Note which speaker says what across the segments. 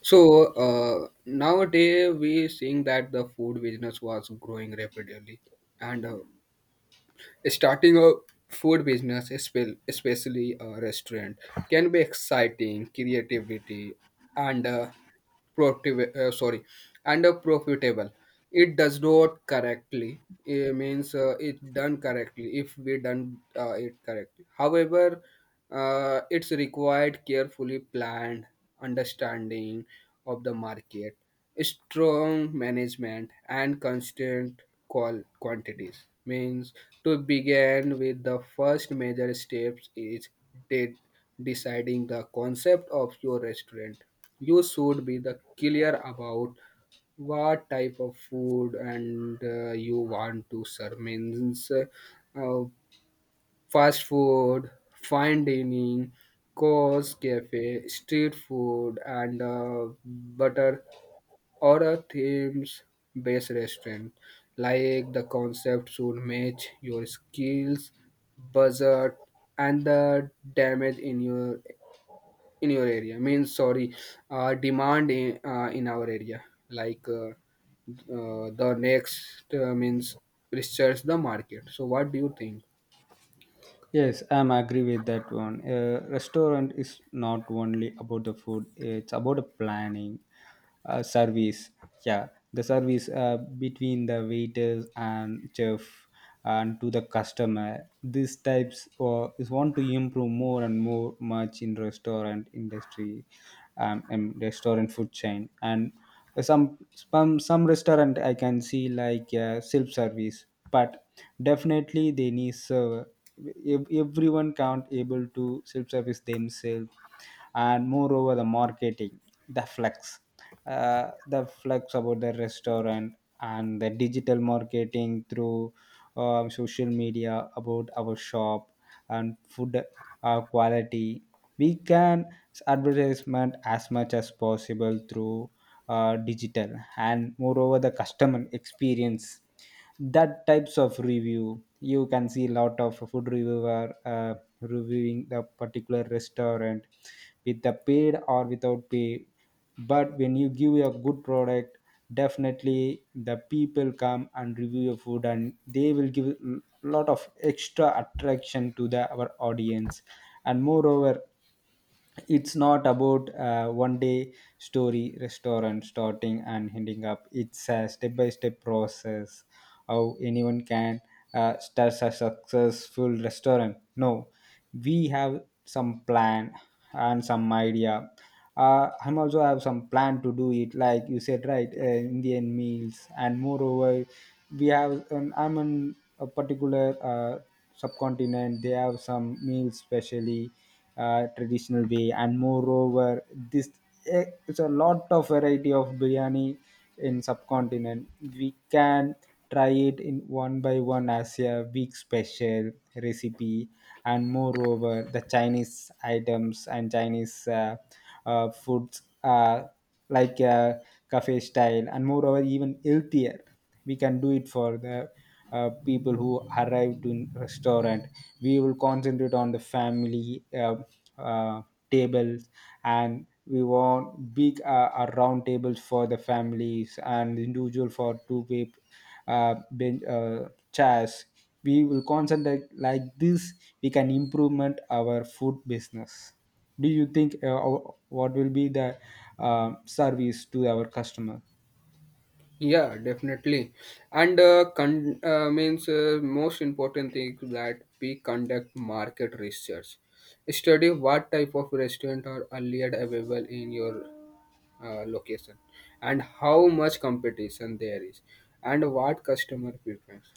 Speaker 1: So nowadays we seeing that the food business was growing rapidly, and starting a food business, especially a restaurant, can be exciting, creativity, and productive, and profitable. It does not correctly. It means it done correctly if we done it correctly. However, it's required carefully planned understanding of the market strong management and constant call quantities means to begin with the first major steps is de- deciding the concept of your restaurant you should be the clear about what type of food and you want to serve means fast food fine dining course cafe street food and butter or a themes-based restaurant. Like the concept should match your skills, budget, and the damage in your area. Demand in our area. The next means research the market. So what do you think?
Speaker 2: Yes, I'm agree with that one. Restaurant is not only about the food; it's about the planning, service. Yeah, the service between the waiters and chef and to the customer. These types is want to improve more and more much in restaurant industry, and restaurant food chain and some restaurant I can see like self service, but definitely they need server, everyone can't able to self-service themselves. And moreover the marketing, the flex, the flex about the restaurant and the digital marketing through, social media about our shop and food quality. We can advertisement as much as possible through digital. And moreover the customer experience, that types of review. You can see a lot of food reviewer reviewing the particular restaurant, with the paid or without pay. But when you give a good product, definitely the people come and review your food and they will give a lot of extra attraction to the our audience. And moreover, it's not about one day story restaurant starting and ending up. It's a step by step process. How anyone can start a successful restaurant? No, we have some plan and some idea. I'm also have some plan to do it like you said, right? Indian meals. And moreover, we have an, I'm in a particular uh, subcontinent, they have some meals specially, traditional way. And moreover, this, it's a lot of variety of biryani in subcontinent. We can try it in one by one as a week special recipe. And moreover the Chinese items and Chinese foods, like cafe style. And moreover even healthier, we can do it for the people who arrive to restaurant. We will concentrate on the family uh, tables. And we want big round tables for the families, and individual for two people bench, chairs. We will concentrate like this. We can improvement our food business. Do you think what will be the service to our customer?
Speaker 1: Yeah, definitely. And means most important thing that we conduct market research. Study what type of restaurant are earlier available in your location, and how much competition there is, and what customer preference.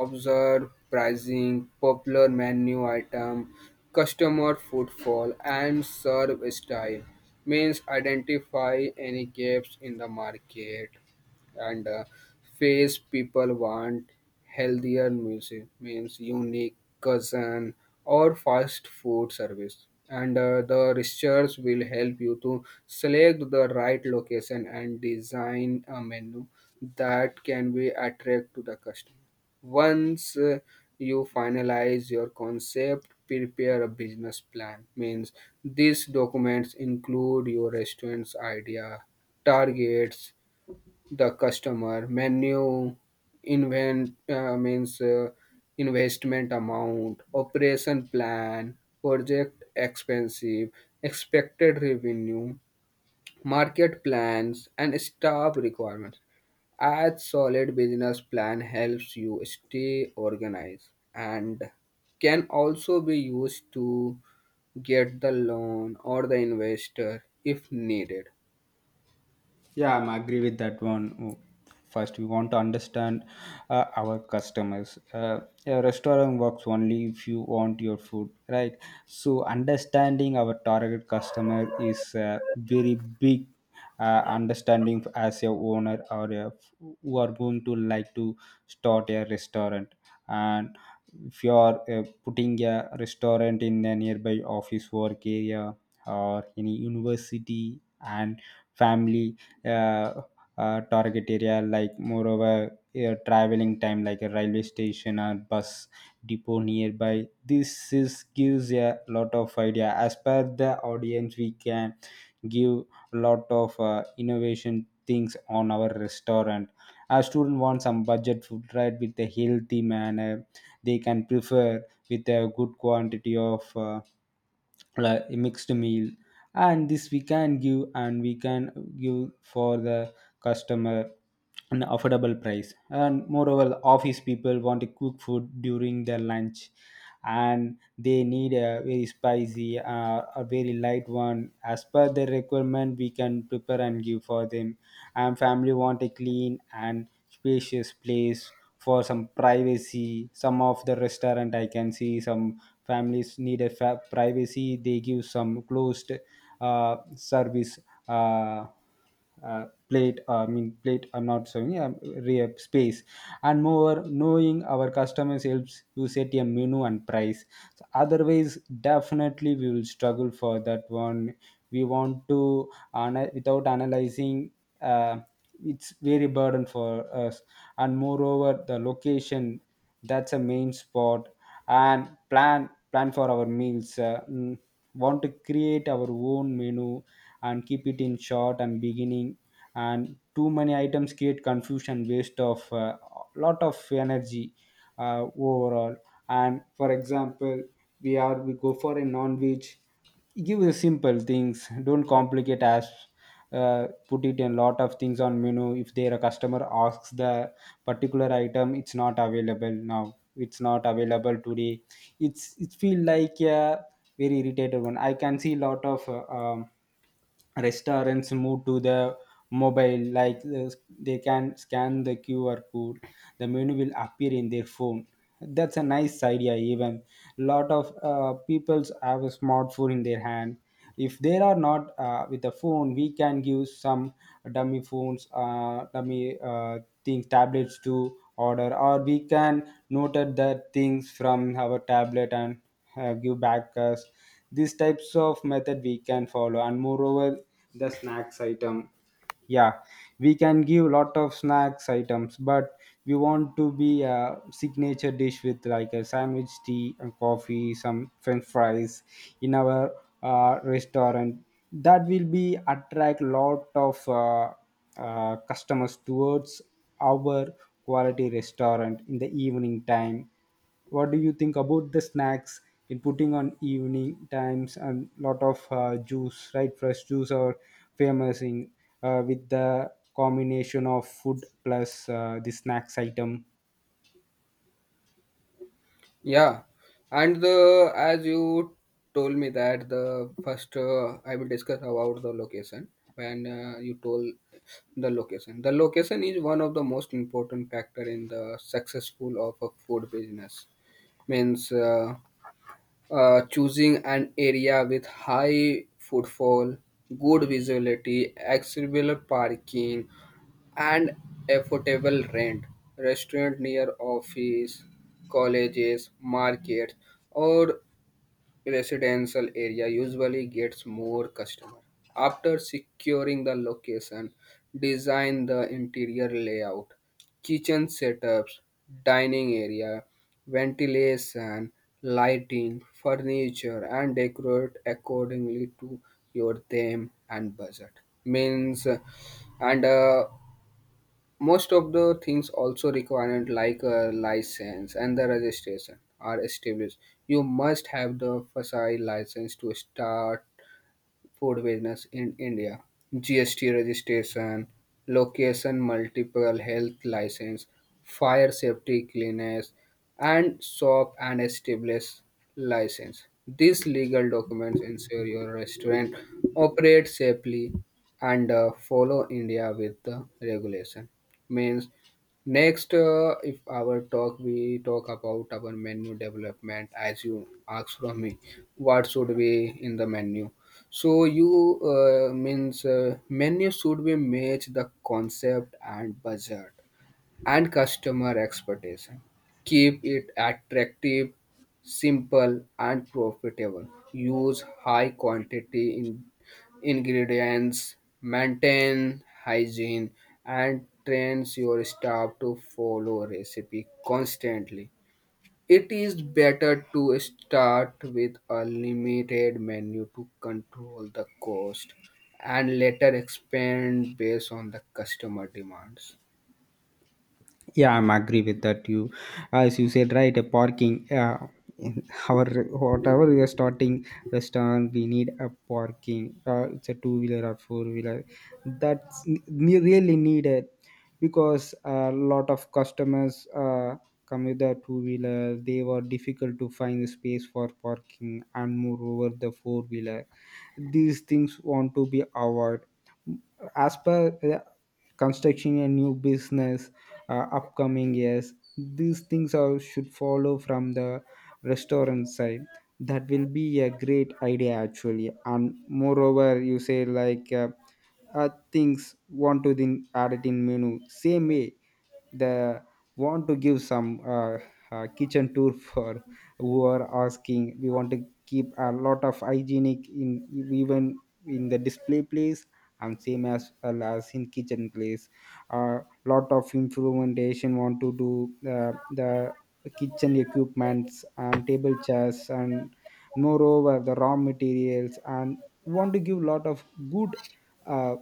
Speaker 1: Observe pricing, popular menu item, customer footfall, and serve style. Means identify any gaps in the market and face people want healthier music means unique cousin or fast food service and the research will help you to select the right location and design a menu that can be attract to the customer once you finalize your concept prepare a business plan means these documents include your restaurant's idea targets the customer menu invent means investment amount operation plan project expensive expected revenue market plans and staff requirements a solid business plan helps you stay organized and can also be used to get the loan or the investor if needed.
Speaker 2: Yeah, I'm agree with that one. Oh, first, we want to understand our customers. A restaurant works only if you want your food, right? So, understanding our target customer is a very big understanding as a owner or a, who are going to like to start a restaurant. And if you are putting a restaurant in a nearby office work area or any university and family, uh, target area, like moreover traveling time, like a railway station or bus depot nearby. This is gives a lot of idea. As per the audience, we can give lot of innovation things on our restaurant. A student wants some budget food, right, with a healthy manner. They can prefer with a good quantity of, like mixed meal. And this we can give, and we can give for the customer an affordable price. And moreover, office people want to cook food during their lunch, and they need a very spicy a very light one. As per their requirement, we can prepare and give for them. And family want a clean and spacious place for some privacy. Some of the restaurant I can see, some families need a privacy. They give some closed service, uh, plate, I mean plate, I'm not saying, space. And moreover, knowing our customers helps you set a menu and price. So otherwise definitely we will struggle for that one. We want to without analyzing, uh, it's very burden for us. And moreover the location, that's a main spot. And plan for our meals, want to create our own menu and keep it in short and beginning. And too many items create confusion, waste of, lot of energy, overall. And for example, we go for a non-veg, give the simple things, don't complicate as put it in lot of things on menu. If there a customer asks the particular item, it's not available now, it's not available today, it feel like a very irritated one. I can see lot of restaurants move to the mobile. Like they can scan the QR code, the menu will appear in their phone. That's a nice idea. Even lot of peoples have a smartphone in their hand. If they are not with the phone, we can give some dummy phones, dummy things, tablets to order, or we can noted the things from our tablet and give back us. These types of method we can follow. And moreover the snacks item, yeah, we can give lot of snacks items, but we want to be a signature dish with, like a sandwich, tea and coffee, some french fries in our restaurant. That will be attract lot of customers towards our quality restaurant in the evening time. What do you think about the snacks in putting on evening times? And lot of juice, right? Fresh juice are famous in with the combination of food plus the snacks item.
Speaker 1: Yeah, and the as you told me that the first, I will discuss about the location. When you told the location is one of the most important factor in the successful of a food business. Means choosing an area with high footfall, good visibility, accessible parking, and affordable rent. Restaurant near office, colleges, markets, or residential area usually gets more customer. After securing the location, design the interior layout, kitchen setups, dining area, ventilation, lighting, furniture, and decorate accordingly to your theme and budget. Means, and most of the things also required like a license and the registration are established you must have the fsi license to start food business in India. GST registration, location multiple health license, fire safety cleanliness, and shop and establish license. These legal documents ensure your restaurant operates safely and follow India with the regulation. Means next, if our talk we talk about our menu development, as you asked from me, what should be in the menu? So you means menu should be match the concept and budget and customer expectation. Keep it attractive, simple and profitable. Use high quantity in ingredients, maintain hygiene and trains your staff to follow recipe constantly it is better to start with a limited menu to control the cost and later expand based on the customer demands.
Speaker 2: Yeah, I'm agree with that you. As you said right, a parking, in our whatever we are starting restaurant, we need a parking. It's a two wheeler or four wheeler, that's really needed. Because a lot of customers come with a two wheeler, they were difficult to find the space for parking. And moreover the four wheeler, these things want to be avoided as per, constructing a new business, upcoming years these things are should follow from the restaurant side. That will be a great idea actually. And moreover, you say like things want to then add it in menu. Same way, the want to give some kitchen tour for who are asking. We want to keep a lot of hygienic in, even in the display place, and same as well as in kitchen place. A lot of implementation want to do, the kitchen equipments and table chairs. And moreover the raw materials, and want to give lot of good uh,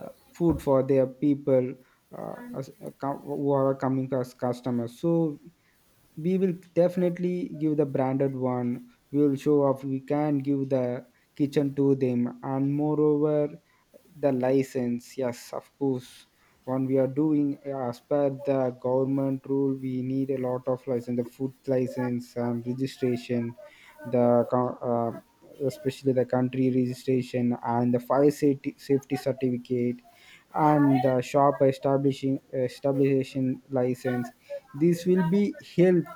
Speaker 2: food for their people, as, who are coming as customers. So we will definitely give the branded one. We will show off, we can give the kitchen to them. And moreover the license, yes of course. When we are doing, as per the government rule, we need a lot of license, the food license and registration, the co- uh, especially the country registration and the fire safety, safety certificate, and the shop establishing license. This will be help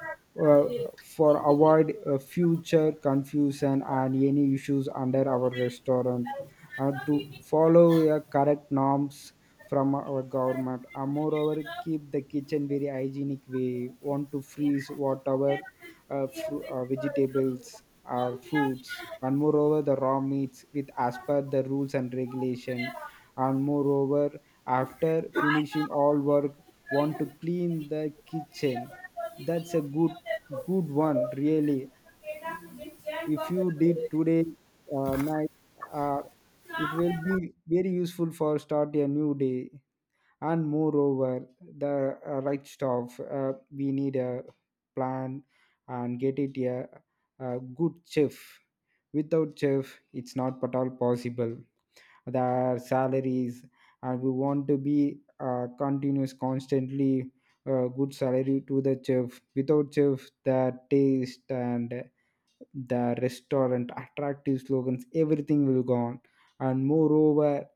Speaker 2: uh, for avoid future confusion and any issues under our restaurant, and to follow a correct norms from our government. And moreover keep the kitchen very hygienic. We want to freeze whatever vegetables or fruits, and moreover the raw meats, with as per the rules and regulation. And moreover after finishing all work, want to clean the kitchen. That's a good one really. If you did today night, uh, it will be very useful for start a new day. And moreover the right stuff, we need a plan and get it a good chef. Without chef it's not at all possible. Their salaries, and we want to be continuous constantly good salary to the chef. Without chef the taste and the restaurant attractive slogans everything will gone. And moreover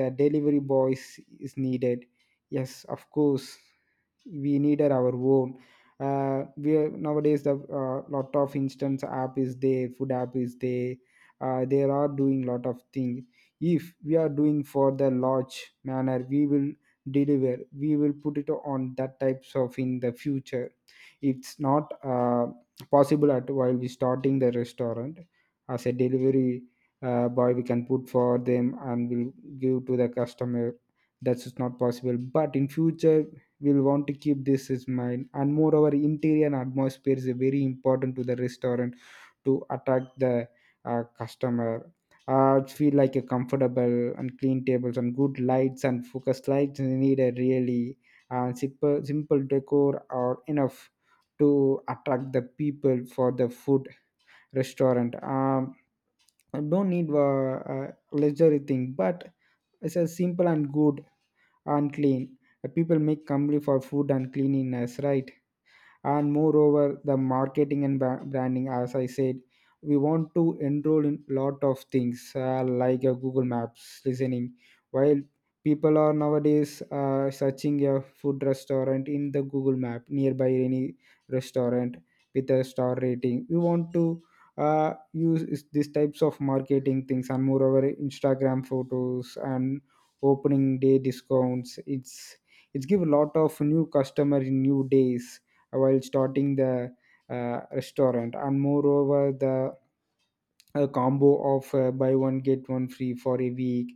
Speaker 2: the delivery boys is needed, yes of course. We needed our own, we are, nowadays the, lot of instance app is there, food app is there, they are doing lot of things. If we are doing for the large manner, we will deliver, we will put it on that types of in the future. It's not possible at while we starting the restaurant. As a delivery boy, we can put for them and we'll give to the customer. That's just not possible, but in future we'll want to keep this in mind. And moreover, interior and atmosphere is very important to the restaurant, to attract the customer. It feel like a comfortable and clean tables, and good lights and focus lights is needed really. And simple decor are enough to attract the people for the food restaurant. Don't need luxury thing, but it's a simple and good and clean. People make company for food and cleanliness, right? And moreover, the marketing and branding, as I said, we want to enroll in lot of things, like, Google Maps listening while people are nowadays searching a food restaurant in the Google Map nearby any restaurant with a star rating, we want to use these types of marketing things. And moreover, Instagram photos and opening day discounts, it's give a lot of new customer in new days while starting the restaurant. And moreover, the combo of buy one get one free for a week.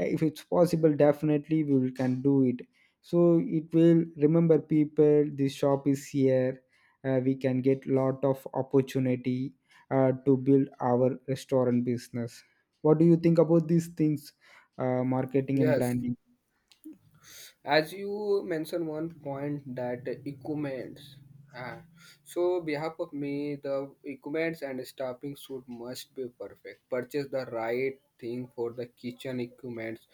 Speaker 2: If it's possible, definitely we can do it. So it will remember people this shop is here. We can get lot of opportunity to build our restaurant business. What do you think about these things, marketing and
Speaker 1: Yes.
Speaker 2: branding?
Speaker 1: As you mentioned one point that equipments uh, so behalf of me the equipments and staffing should must be perfect purchase the right thing for the kitchen equipments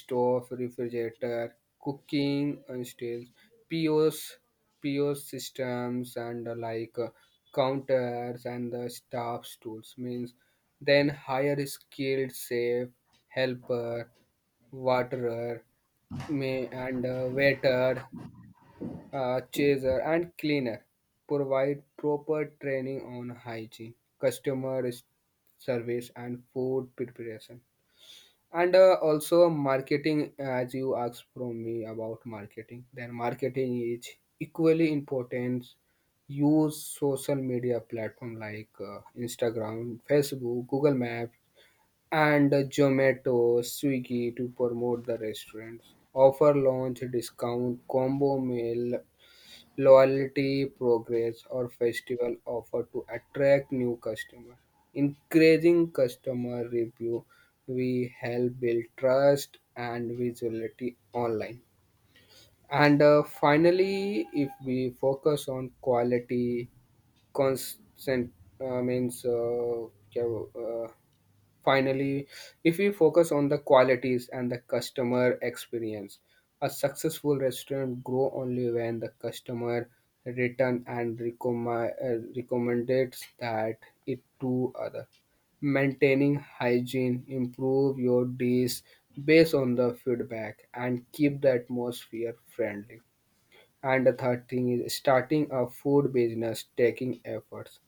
Speaker 1: stove refrigerator cooking stairs pos pos systems and counters and the staff tools means then hire skilled safe helper waterer May and waiter, chaser, and cleaner provide proper training on hygiene, customer s- service, and food preparation. And also marketing, as you asked from me about marketing, then marketing is equally important. Use social media platform like Instagram, Facebook, Google Map and Zomato, Swiggy to promote the restaurants. Offer launch discount, combo meal, loyalty progress, or festival offer to attract new customers. Increasing customer review, we help build trust and visibility online. And finally, if we focus on quality, constant means क्या वो, finally, if we focus on the qualities and the customer experience, a successful restaurant grow only when the customer return and recommended that it to other. Maintaining hygiene, improve your dish based on the feedback, and keep the atmosphere friendly. And the third thing is starting a food business taking efforts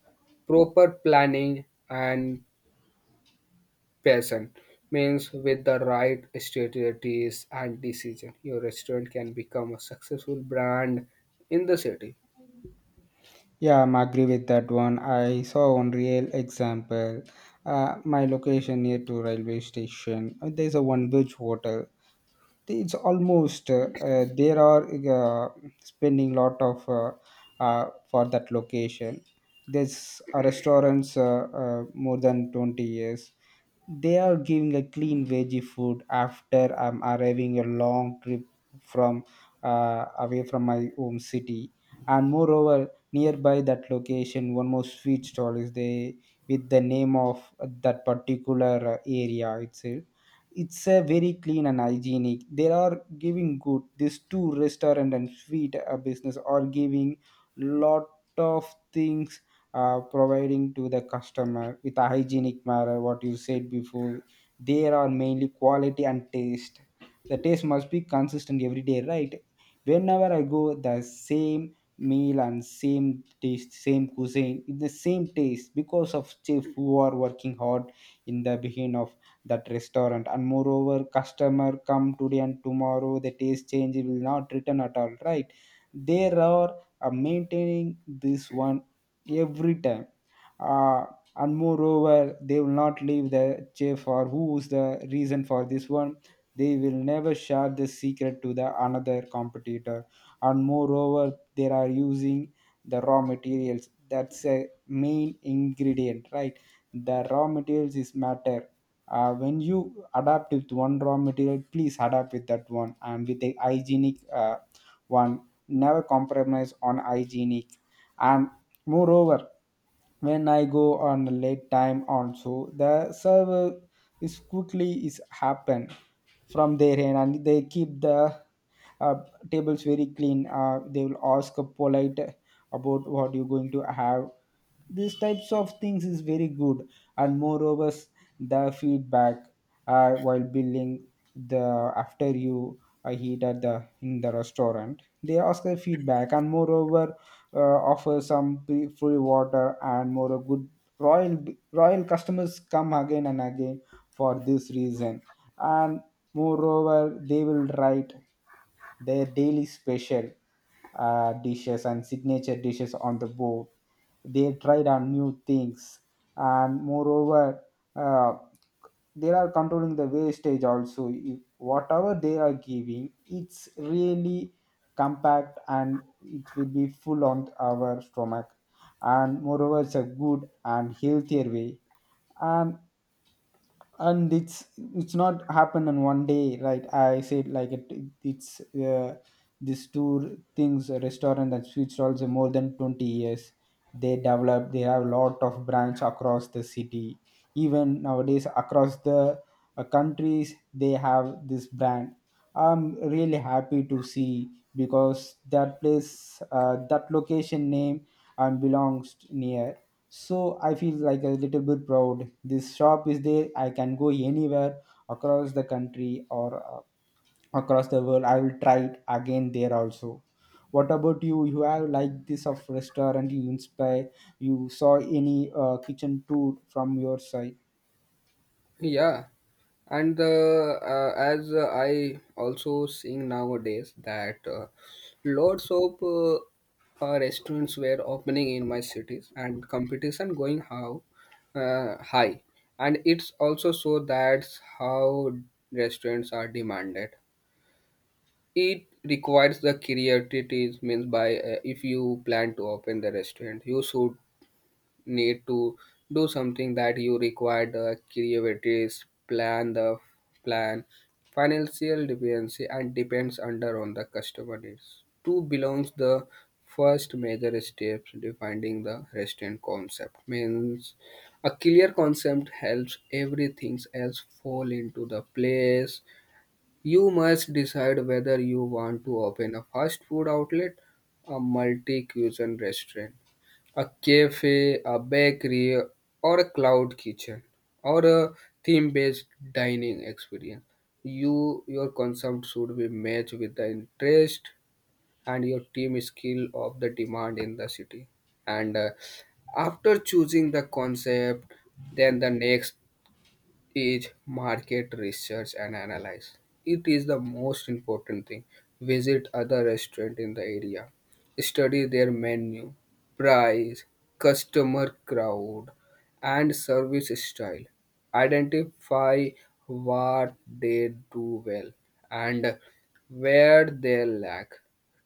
Speaker 1: proper planning and Person means with the right strategies and decision, your restaurant can become a successful brand in the city.
Speaker 2: Yeah, I'm agree with that one. I saw one real example. My location near to railway station. There's a one beach hotel. It's almost, there are uh, spending lot of for that location. There's a restaurants, more than 20 years. They are giving a clean veggie food after I'm arriving a long trip from away from my home city. And moreover, nearby that location, one more sweet stall is there with the name of that particular area itself. It's a very clean and hygienic. They are giving good. These two restaurant and sweet business are giving lot of things, providing to the customer with a hygienic manner what you said before, there are mainly quality and taste. The taste must be consistent every day, right? Whenever I go, the same meal and same taste, same cuisine, the same taste, because of chef who are working hard in the beginning of that restaurant. And moreover, customer come today and tomorrow the taste change, will not return at all, right? There are maintaining this one every time. Uh, and moreover, they will not leave the chef or who's the reason for this one. They will never share the secret to the another competitor. And moreover, they are using the raw materials. That's a main ingredient, right? The raw materials is matter. When you adapt with one raw material, please adapt with that one and with the hygienic one. Never compromise on hygienic. And moreover, when I go on a late time on, so the server is quickly is happen from their end, and they keep the uh, tables very clean. They will ask polite about what you're going to have. These types of things is very good. And moreover, the feedback, while building, the after you eat at the in the restaurant, they ask the feedback. And moreover, uh, offer some free water and more good. Royal royal customers come again and again for this reason. And moreover, they will write their daily special dishes and signature dishes on the board. They tried on new things. And moreover, uh, they are controlling the wastage also. Whatever they are giving, it's really compact and it will be full on our stomach. And moreover, it's a good and healthier way. And and it's not happened on one day, right? I said like it. It's this two things, a restaurant that switched also more than 20 years. They develop, they have a lot of branch across the city. Even nowadays across the countries, they have this brand. I'm really happy to see, because that place that location name and belongs near. So I feel like a little bit proud this shop is there. I can go anywhere across the country or across the world, I will try it again there also. What about You have like this of restaurant you inspire. You saw any kitchen tour from your side?
Speaker 1: Yeah, and as I also seeing nowadays that lots of restaurants were opening in my cities and competition going how high, and it's also so that's how restaurants are demanded. It requires the creativity means by if you plan to open the restaurant, you should need to do something that you require the creativity, plan the plan, financial dependency, and depends under on the customer needs. Two belongs the first major steps defining the restaurant concept means a clear concept helps everything else fall into the place you must decide whether you want to open a fast food outlet, a multi cuisine restaurant, a cafe, a bakery, or a cloud kitchen, or a theme based dining experience. You your concept should be matched with the interest and your team skill of the demand in the city. And after choosing the concept, then the next is market research and analyze. It is the most important thing. Visit other restaurant in the area. Study their menu, price, customer crowd, and service style. Identify what they do well and where they lack.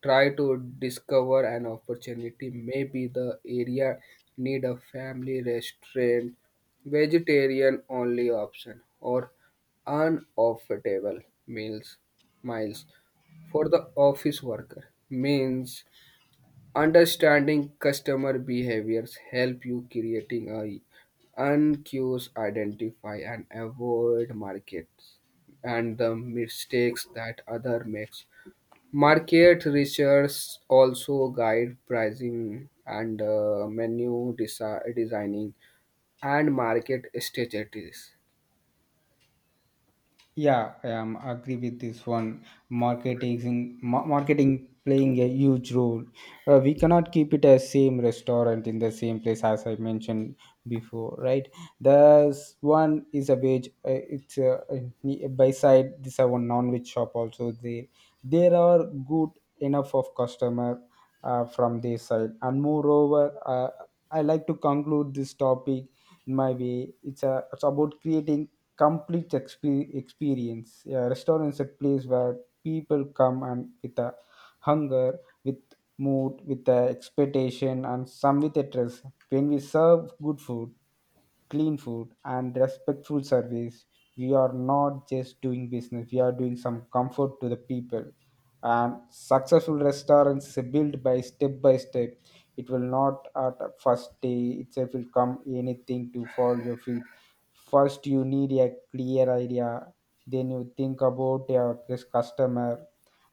Speaker 1: Try to discover an opportunity. Maybe the area need a family restaurant vegetarian only option or unoffettable meals miles for the office worker means understanding customer behaviors help you creating a uncuse identify and avoid markets and the mistakes that other makes market research also guide pricing and menu designing and market strategies.
Speaker 2: Yeah, I am agree with this one. Marketing, marketing playing a huge role. We cannot keep it as same restaurant in the same place as I mentioned before, right? There's one is a veg. It's by side. This are one non-veg shop also. There are good enough of customer from their side. And moreover, I like to conclude this topic in my way. It's about creating complete experience. Yeah, restaurants a place where people come and with a hunger, with mood, with a expectation, and some with a trust. When we serve good food, clean food and respectful service, we are not just doing business, we are doing some comfort to the people. And successful restaurants is built by step by step. It will not at the first day itself will come anything to fall your feet. First you need a clear idea, then you think about your customer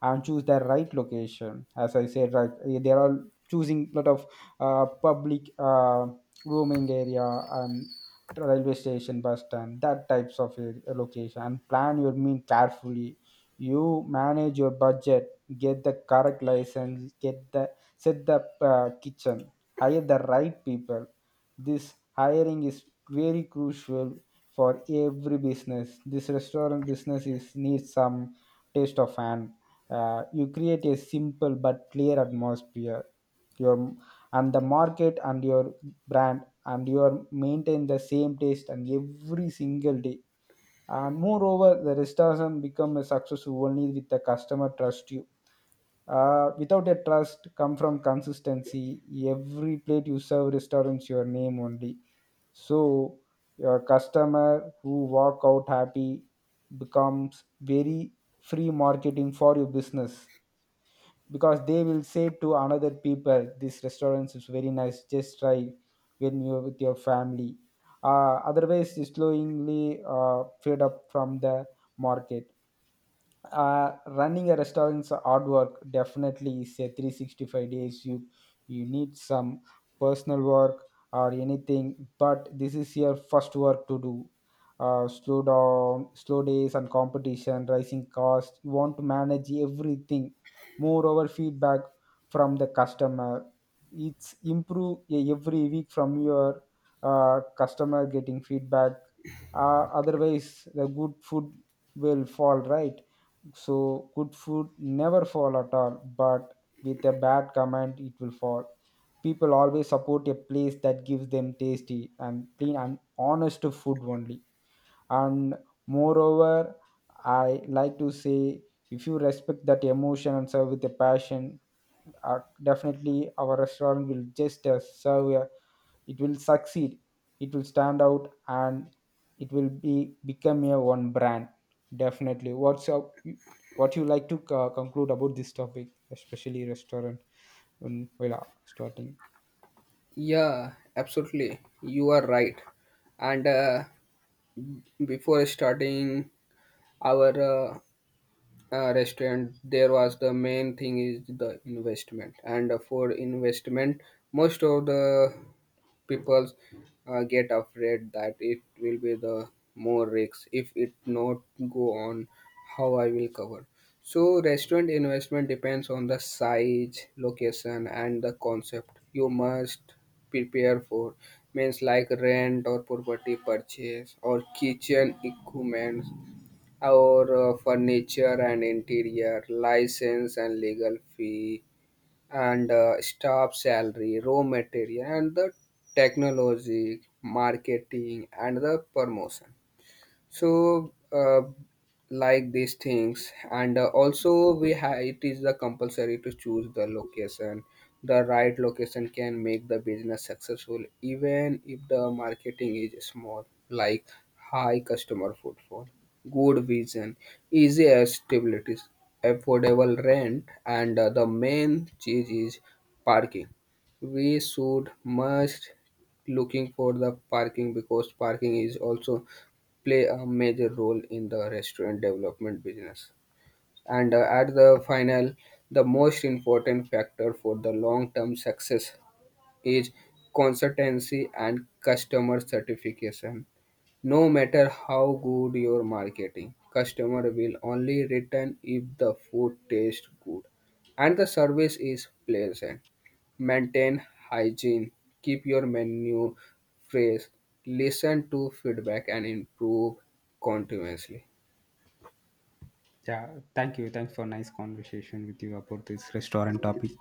Speaker 2: and choose the right location, as I said, right? They there are all choosing lot of public roaming area and railway station, bus stand, that types of a location, and plan your meal carefully. You manage your budget, get the correct license, get the, set the kitchen, hire the right people. This hiring is very crucial for every business. This restaurant business is needs some taste of hand. You create a simple but clear atmosphere, your and the market and your brand, and your maintain the same taste and every single day. And moreover, the restaurant become a success only with the customer trust you. Without a trust come from consistency. Every plate you serve restaurants your name only. So your customer who walk out happy becomes very free marketing for your business, because they will say to another people this restaurant is very nice, just try when you're with your family. Otherwise, you slowly fade up from the market. Running a restaurant's hard work, definitely is a 365 days. You need some personal work or anything, but this is your first work to do. Slow down, slow days and competition rising cost, you want to manage everything. Moreover, feedback from the customer, it's improve every week from your customer getting feedback. Otherwise, the good food will fall, right? So good food never fall at all, but with a bad comment it will fall. People always support a place that gives them tasty and clean and honest food only. And moreover, I like to say, if you respect that emotion and serve with a passion, definitely our restaurant will just serve a, it will succeed. It will stand out, and it will be become a one brand, definitely. What's up? What you like to conclude about this topic, especially restaurant, while starting?
Speaker 1: Yeah, absolutely. You are right. And before starting our restaurant, there was the main thing is the investment. And for investment, most of the people get afraid that it will be the more risks if it not go on how I will cover so restaurant investment depends on the size location and the concept you must prepare for means like rent or property purchase or kitchen equipment or furniture and interior license and legal fee and staff salary, raw material, and the technology, marketing, and the promotion so like these things and also we have it is the compulsory to choose the location the right location can make the business successful even if the marketing is small like high customer footfall good vision easy stability affordable rent and the main cheese is parking we should must looking for the parking because parking is also play a major role in the restaurant development business. And at the final, the most important factor for the long term success is consistency and customer satisfaction. No matter how good your marketing, customer will only return if the food tastes good and the service is pleasant. Maintain hygiene, keep your menu fresh, listen to feedback and improve continuously.
Speaker 2: Yeah, thank you. Thanks for nice conversation with you about this restaurant topic.